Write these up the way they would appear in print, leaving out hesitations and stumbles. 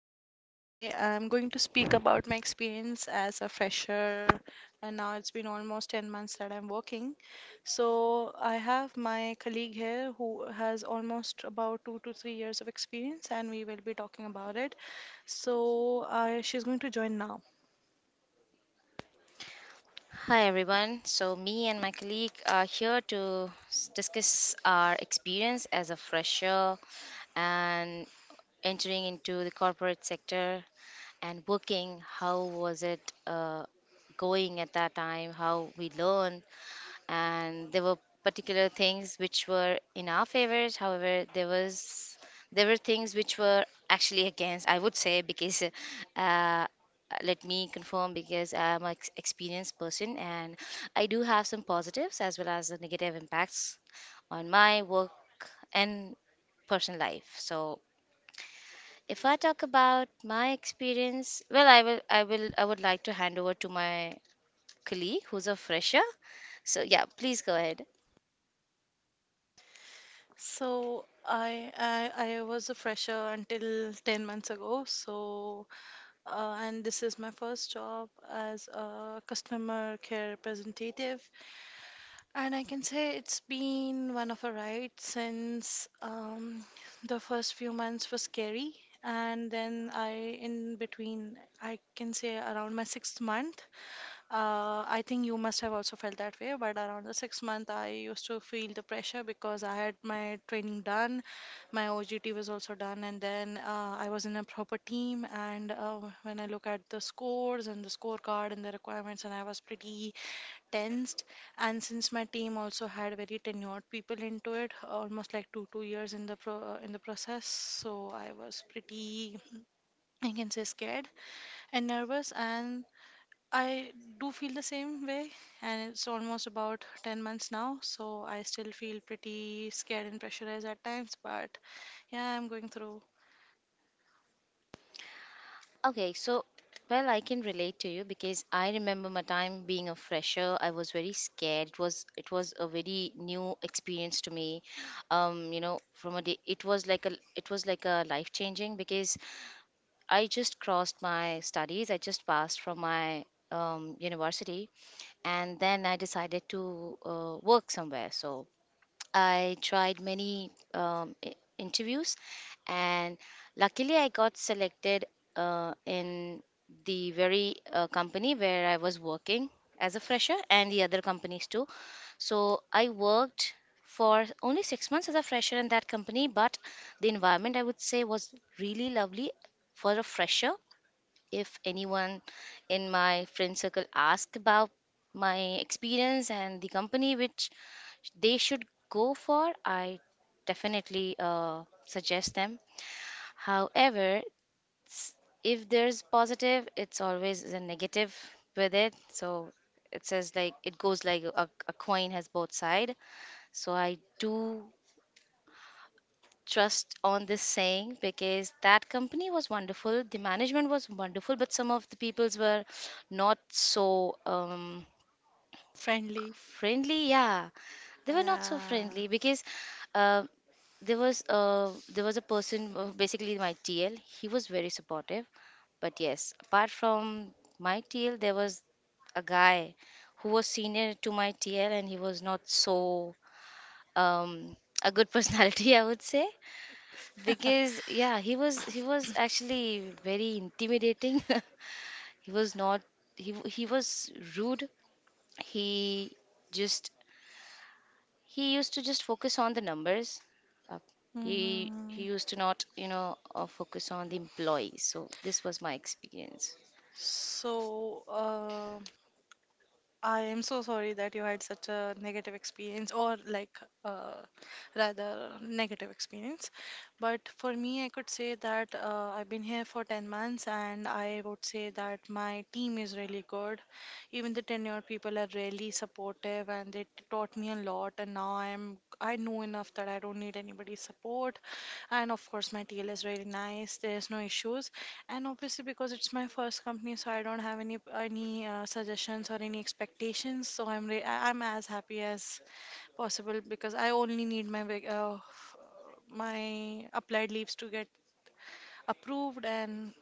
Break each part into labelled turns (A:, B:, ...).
A: I am going to speak about my experience as a fresher, and now it's been almost 10 months that I'm working. So, I have my colleague here who has almost about 2 to 3 years of experience, and we will be talking about it. So, she's going to join now.
B: Hi everyone. So me and my colleague are here to discuss our experience as a fresher and entering into the corporate sector and working. How was it going at that time? How we learn and there were particular things which were in our favors, however there were things which were actually against, I would say, because uh, let me confirm because I'm an experienced person and I do have some positives as well as the negative impacts on my work and personal life. So if I talk about my experience, well, I would like to hand over to my colleague who's a fresher, so yeah, please go ahead.
A: So, I was a fresher until 10 months ago. And this is my first job as a customer care representative. And I can say it's been one of a ride since. The first few months were scary. And then in between, I can say around my sixth month. I think you must have also felt that way, but around the 6 month, I used to feel the pressure because I had my training done, my OGT was also done, and then I was in a proper team. And when I look at the scores and the scorecard and the requirements, and I was pretty tensed. And since my team also had very tenured people into it, almost like two years in the pro in the process, so I was pretty. I can say scared and nervous, and I do feel the same way, and it's almost about 10 months now, so I still feel pretty scared and pressurized at times, but yeah, I'm going through
B: Okay, so well, I can relate to you because I remember my time being a fresher. I was very scared. It was a very new experience to me. You know, from a day, it was like a life changing because I just crossed my studies. I just passed from my university, and then I decided to work somewhere. So I tried many interviews, and luckily I got selected in the very company where I was working as a fresher, and the other companies too. So I worked for only 6 months as a fresher in that company, but the environment, I would say, was really lovely for a fresher. If anyone in my friend circle asked about my experience and the company which they should go for, I definitely suggest them. However, s- if there's positive, it's always a negative with it. So it says like it goes like a coin has both side. So I do trust on this saying because that company was wonderful, the management was wonderful, but some of the peoples were not so.
A: friendly.
B: Friendly. Yeah, they were not so
A: Yeah.
B: friendly because uh, there was a person, basically my TL. He was very supportive, but yes, apart from my TL, there was a guy who was senior to my TL, and he was not so um, a good personality, I would say, because yeah, he was actually very intimidating. He was not, he was rude. He just he used to just focus on the numbers. Uh, he
A: Mm,
B: used to not, you know, focus on the employees. So this was my experience.
A: so, I am so sorry that you had such a negative experience, or like uh, rather negative experience. But for me, I could say that I've been here for 10 months, and I would say that my team is really good. Even the tenured people are really supportive, and they taught me a lot, and now I know enough that I don't need anybody's support. And of course my TL is really nice, there's no issues. And obviously because it's my first company, so I don't have any suggestions or any expectations, so I'm as happy as possible because I only need my my applied leaves to get approved. And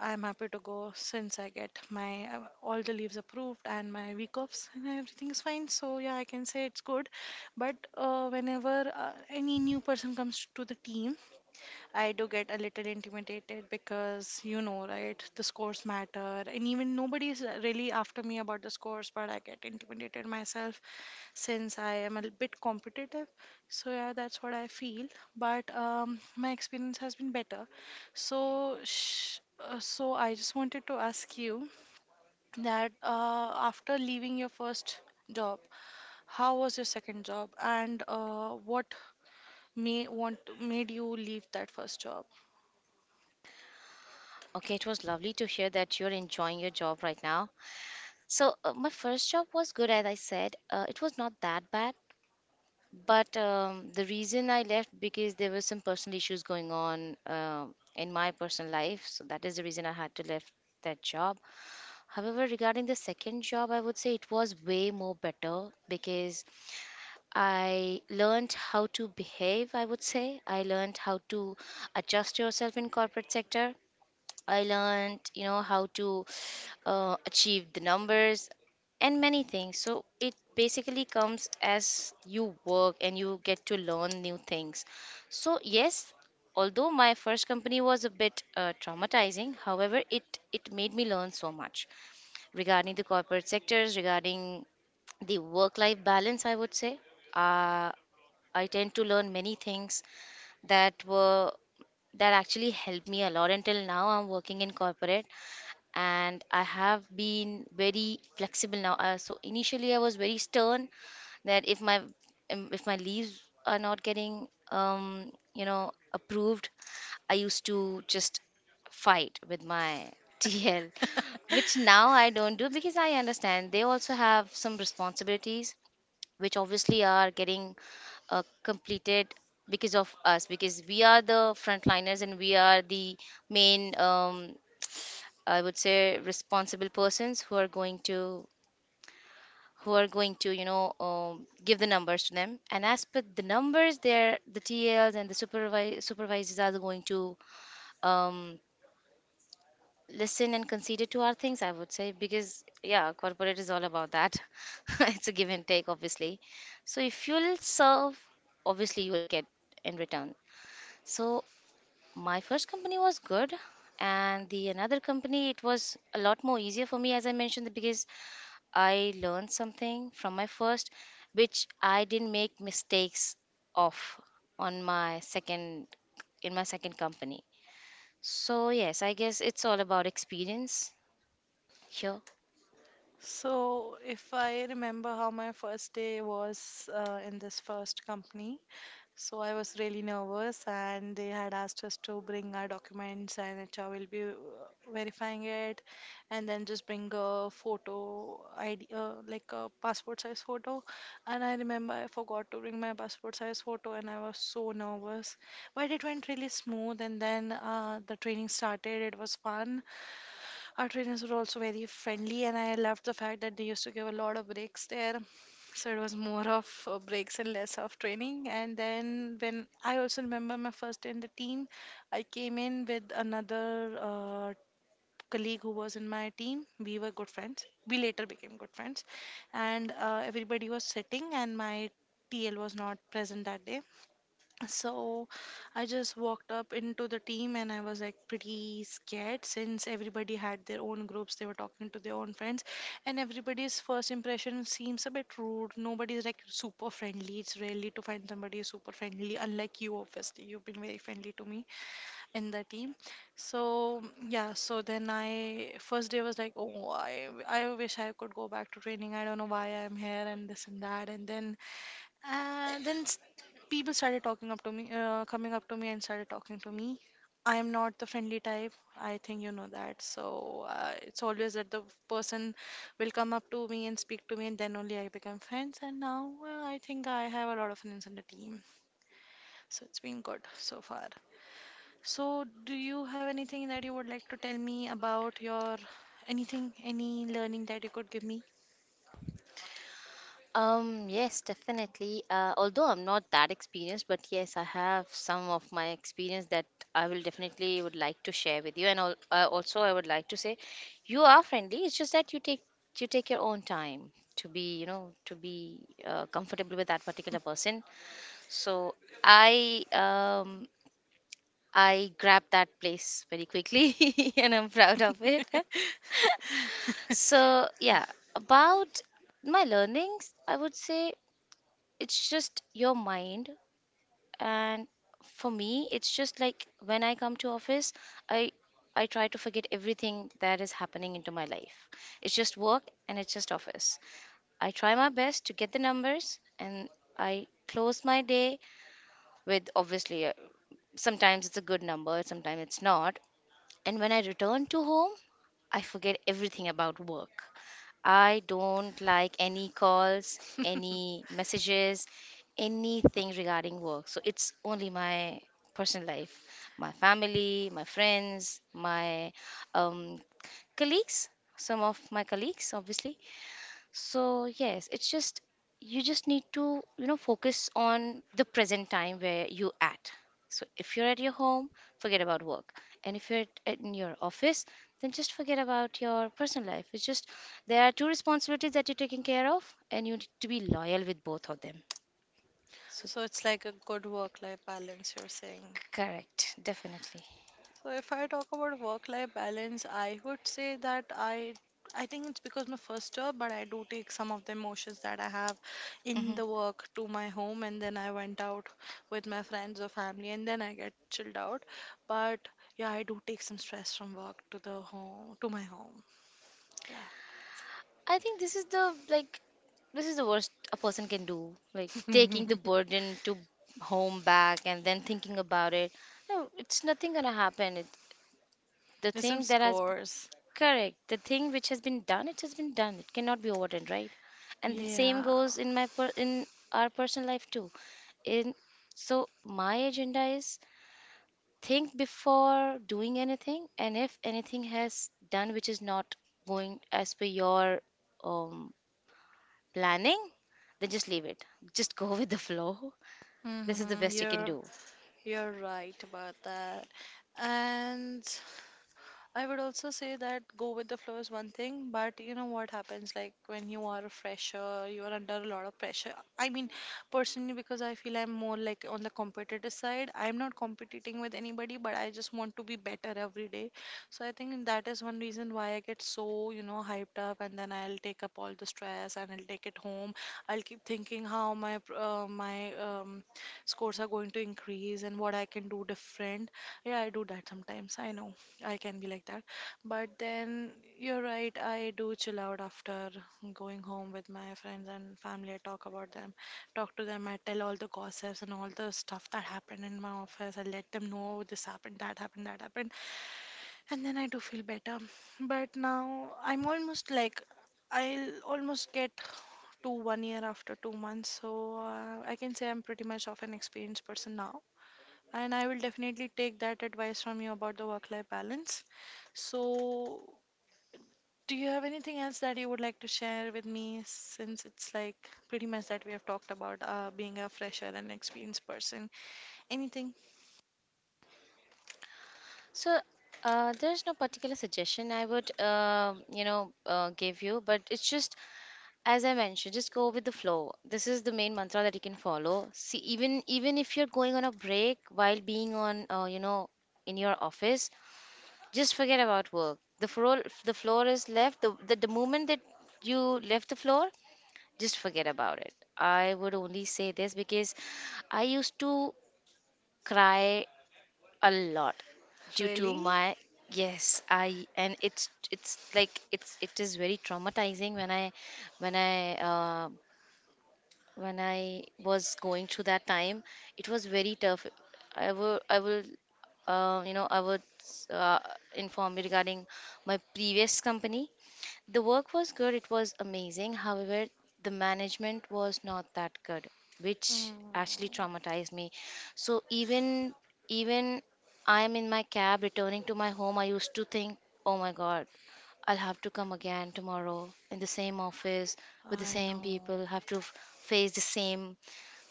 A: I'm happy to go since I get my all the leaves approved and my week offs and everything is fine. So yeah, I can say it's good. But whenever any new person comes to the team, I do get a little intimidated because, you know, right? The scores matter, and even nobody is really after me about the scores, but I get intimidated myself since I am a bit competitive. So yeah, that's what I feel. But my experience has been better. So I just wanted to ask you that after leaving your first job, how was your second job, and what may want made you leave that first job?
B: Okay, it was lovely to hear that you're enjoying your job right now. So my first job was good, as I said. It was not that bad, but the reason I left because there were some personal issues going on in my personal life. So that is the reason I had to left that job. However, regarding the second job, I would say it was way more better because I learned how to behave, I would say. I learned how to adjust yourself in corporate sector. I learned, you know, how to achieve the numbers and many things. So it basically comes as you work and you get to learn new things. So yes, although my first company was a bit traumatizing, however, it made me learn so much regarding the corporate sectors, regarding the work life balance, I would say. uh, I tend to learn many things that were that actually helped me a lot. Until now I'm working in corporate, and I have been very flexible now. So initially I was very stern that if my leaves are not getting um, you know, approved, I used to just fight with my TL, which now I don't do because I understand they also have some responsibilities which obviously are getting completed because of us, because we are the frontliners, and we are the main I would say responsible persons who are going to you know, give the numbers to them. And as per the numbers there, the TLs and the supervisors are going to um, listen and consider to our things, I would say, because yeah, corporate is all about that. It's a give and take, obviously. So if you'll serve, obviously you will get in return. So my first company was good, and the another company, it was a lot more easier for me, as I mentioned, because I learned something from my first which I didn't make mistakes of on my second, in my second company. So yes, I guess it's all about experience here.
A: So, if I remember how my first day was in this first company, so I was really nervous, and they had asked us to bring our documents, and HR will be verifying it, and then just bring a photo ID, like a passport size photo. And I remember I forgot to bring my passport size photo, and I was so nervous. But it went really smooth, and then the training started. It was fun. Our trainers were also very friendly, and I loved the fact that they used to give a lot of breaks there. So it was more of breaks and less of training. And then when I also remember my first day in the team, I came in with another colleague who was in my team. We were good friends. We later became good friends, and everybody was sitting, and my TL was not present that day. So I just walked up into the team, and I was like pretty scared since everybody had their own groups, they were talking to their own friends, and everybody's first impression seems a bit rude. Nobody's like super friendly. It's rarely to find somebody who's super friendly, unlike you, obviously. You've been very friendly to me in the team. So yeah, so then I first day was like, oh, I wish I could go back to training. I don't know why I'm here and this and that. And then s- People started talking up to me, coming up to me and started talking to me. I am not the friendly type. I think you know that. So it's always that the person will come up to me and speak to me, and then only I become friends. And now I think I have a lot of friends on the team. So it's been good so far. So do you have anything that you would like to tell me about your anything, any learning that you could give me?
B: Yes, definitely. Although I'm not that experienced, but yes, I have some of my experience that I will definitely would like to share with you. And also, I would like to say, you are friendly. It's just that you take your own time to be, you know, to be comfortable with that particular person. So I um I grabbed that place very quickly, and I'm proud of it. So yeah, about my learnings, I would say it's just your mind. And for me, it's just like when I come to office, i I try to forget everything that is happening into my life. It's just work and it's just office. I try my best to get the numbers, and I close my day with, obviously, sometimes it's a good number, sometimes it's not. And when I return to home, I forget everything about work. I don't like any calls, any messages, anything regarding work. So it's only my personal life, my family, my friends, my um, colleagues, some of my colleagues, obviously. So yes, it's just you just need to, you know, focus on the present time where you at. So if you're at your home, forget about work. And if you're in your office, then just forget about your personal life. It's just there are two responsibilities that you're taking care of, and you need to be loyal with both of them. So
A: So it's like a good work life balance, you're saying.
B: correct, definitely.
A: So if I talk about work life balance, I would say that I think it's because my first job, but I do take some of the emotions that I have in
B: Hmm.
A: the work to my home, and then I went out with my friends or family, and then I get chilled out. But yeah, I do take some stress from work to my home. Yeah.
B: I think this is the like, this is the worst a person can do. Like taking the burden to home back and then thinking about it. No, it's nothing gonna happen. The
A: There's some
B: thing that has
A: scores.
B: correct, the thing which has been done, it has been done. It cannot be overturned, right? And the same
A: Yeah.
B: goes in in our personal life too. In, so my agenda is think before doing anything, and if anything has done which is not going as per your um planning? Then just leave it. Just go with the flow. This is the
A: hmm
B: best you can
A: You're
B: do.
A: you're right about that. And I would also say that go with the flow is one thing, but you know what happens like when you are a fresher, you are under a lot of pressure. I mean, personally, because I feel I'm more like on the competitive side, I'm not competing with anybody, but I just want to be better every day. So I think that is one reason why I get so, you know, hyped up, and then I'll take up all the stress, and I'll take it home. I'll keep thinking how my my scores are going to increase and what I can do different. Yeah, I do that sometimes. I know. I can be like that. But then you're right, I do chill out after going home with my friends and family. I talk about them, talk to them. I tell all the gossips and all the stuff that happened in my office. I let them know this happened, that happened, that happened. And then I do feel better. But now I'm almost like, I'll almost get to one year after 2 months. So I can say I'm pretty much of an experienced person now. And I will definitely take that advice from you about the work-life balance. So, do you have anything else that you would like to share with me, since it's like pretty much that we have talked about being a fresher and experienced person? Anything?
B: So there's no particular suggestion I would, you know, give you, but it's just, as I mentioned, just go with the flow. This is the main mantra that you can follow. See, even if you're going on a break while being on, you know, in your office, just forget about work. The floor is left. The moment that you left the floor, just forget about it. I would only say this because I used to cry a lot due to
A: Really?
B: my, yes, I and it's it is very traumatizing when I when I when I was going through that time. It was very tough. I will you know, I would uh, inform you regarding my previous company. The work was good, it was amazing. However, the management was not that good, which
A: Mm,
B: actually traumatized me. So even I am in my cab returning to my home, I used to think, "Oh my God, I'll have to come again tomorrow in the same office with the
A: I
B: same
A: know.
B: people, have to face the same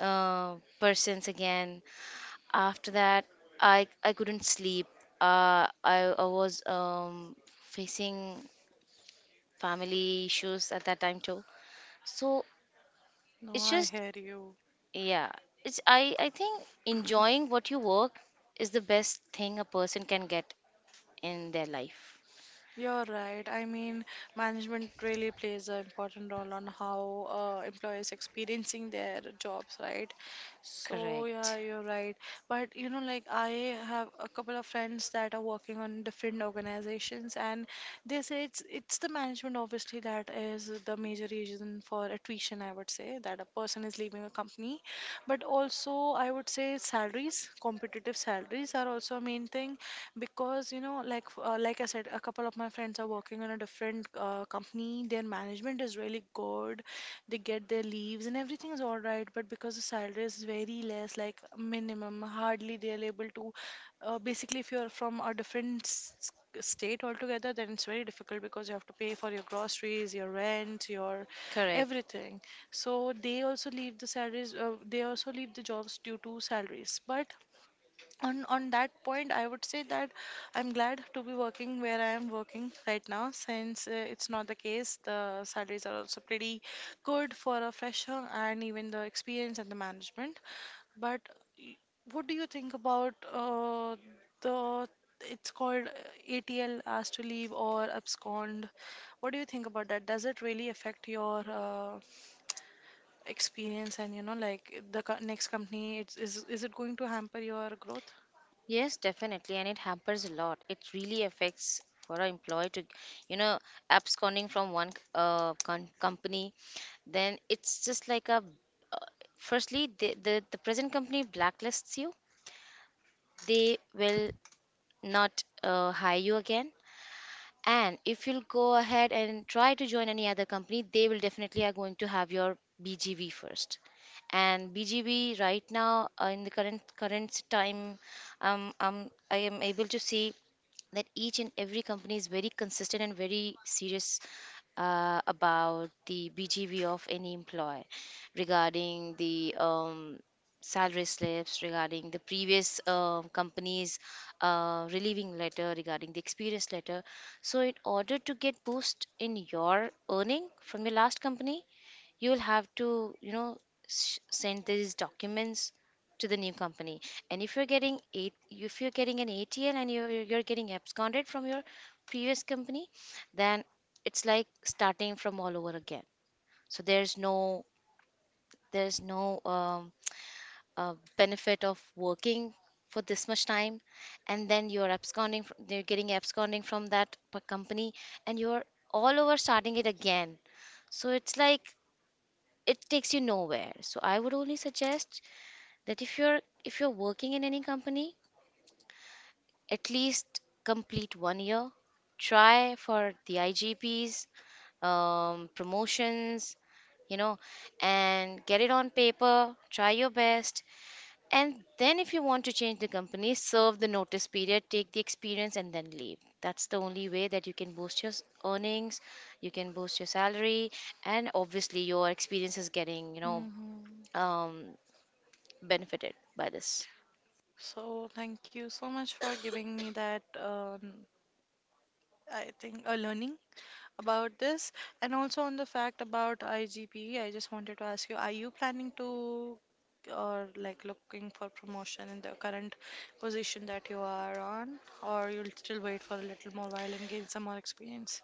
B: persons again." After that, I couldn't sleep. Uh, I was facing family issues at that time too. So
A: No,
B: it's
A: I
B: just,
A: hear you.
B: yeah, it's, I think enjoying what you work is the best thing a person can get in their life.
A: You're right. I mean, management really plays an important role on how employees experiencing their jobs, right? So yeah,
B: Correct,
A: you're right. But you know, like I have a couple of friends that are working on different organizations, and they say it's the management obviously that is the major reason for attrition. I would say that a person is leaving a company, but also I would say salaries, competitive salaries are also a main thing, because you know like like I said, a couple of my friends are working on a different company, their management is really good, they get their leaves and everything is all right, but because the salary is very less, like minimum, hardly they are able to. Basically, if you're from a different state altogether, then it's very difficult because you have to pay for your groceries, your rent, your
B: correct.
A: everything. So they also leave the salaries, they also leave the jobs due to salaries. But on that point I would say that I'm glad to be working where I am working right now, since it's not the case. The salaries are also pretty good for a fresher, and even the experience and the management. But y- what do you think about the it's called ATL, asked to leave or abscond? What do you think about that? Does it really affect your experience, and you know like the next company? Is it going to hamper your growth?
B: Yes, definitely. And it hampers a lot. It really affects for an employee to, you know, absconding from one company. Then it's just like a, uh, firstly, the present company blacklists you. They will not hire you again. And if you'll go ahead and try to join any other company, they will definitely are going to have your BGV first. And BGV right now, in the current time, I am able to see that each and every company is very consistent and very serious about the BGV of any employee, regarding the salary slips, regarding the previous um, company's relieving letter, regarding the experience letter. So in order to get boost in your earning from your last company, you'll have to, you know, send these documents to the new company. And if you're getting eight if you're getting an ATL and you're getting absconded from your previous company, then it's like starting from all over again. So there's no, there's no um, benefit of working for this much time and then you're absconding from, they're getting absconding from that company, and you're all over starting it again. So it's like it takes you nowhere. So I would only suggest that if you're working in any company, at least complete 1 year. Try for the IGPs, promotions, you know, and get it on paper. Try your best, and then if you want to change the company, serve the notice period, take the experience, and then leave. That's the only way that you can boost your earnings, you can boost your salary, and obviously your experience is getting, you know,
A: hmm
B: um benefited by this.
A: So, thank you so much for giving me that, I think, a learning about this. And also on the fact about IGP, I just wanted to ask you, are you planning to or like looking for promotion in the current position that you are on, or you'll still wait for a little more while and gain some more experience?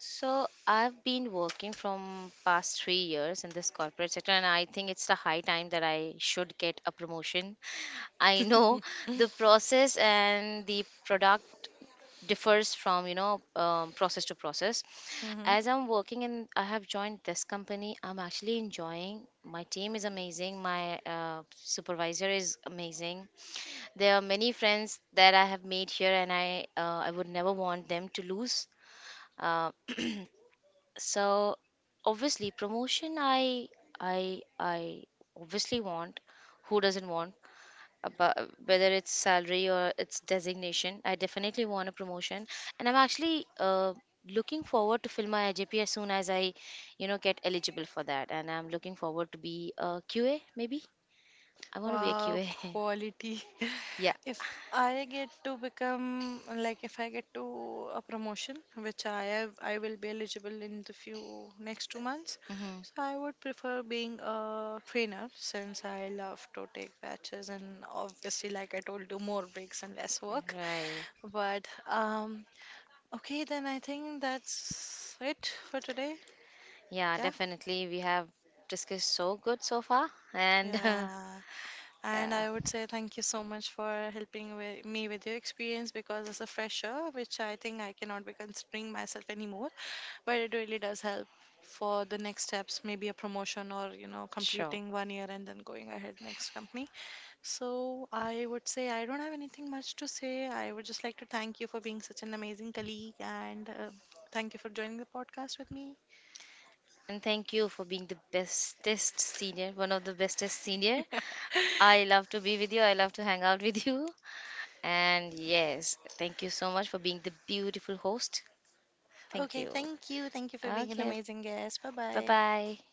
B: So I've been working from past 3 years in this corporate sector, and I think it's the high time that I should get a promotion. I know the process and the product differs from, you know, process to process.
A: hmm
B: As I'm working and I have joined this company, I'm actually enjoying. My team is amazing. My supervisor is amazing. There are many friends that I have made here, and I would never want them to lose. Uh, so obviously promotion, I obviously want. Who doesn't want? About whether it's salary or it's designation, I definitely want a promotion. And I'm actually looking forward to fill my IJP as soon as I, you know, get eligible for that. And I'm looking forward to be a QA maybe. I want to be a
A: Wow,
B: QA.
A: quality.
B: Yeah.
A: If I get to become like if I get to a promotion, which I have, I will be eligible in the few next 2 months.
B: Hmm.
A: So I would prefer being a trainer since I love to take batches and obviously, like I told you, more breaks and less work.
B: Right.
A: But okay, then I think that's it for today.
B: Yeah,
A: Yeah,
B: definitely, we have discussed so good so far. And
A: yeah. And
B: yeah.
A: I would say thank you so much for helping with me with your experience because as a fresher, which I think I cannot be considering myself anymore, but it really does help for the next steps, maybe a promotion or you know
B: Sure.
A: completing one year and then going ahead next company. So I would say I don't have anything much to say. I would just like to thank you for being such an amazing colleague, and thank you for joining the podcast with me.
B: And thank you for being the bestest senior, one of the bestest senior. I love to be with you. I love to hang out with you. And yes, thank you so much for being the beautiful host. Thank
A: Okay,
B: you.
A: thank you. Thank you for being an
B: Okay,
A: amazing guest. Bye
B: bye
A: bye.
B: bye.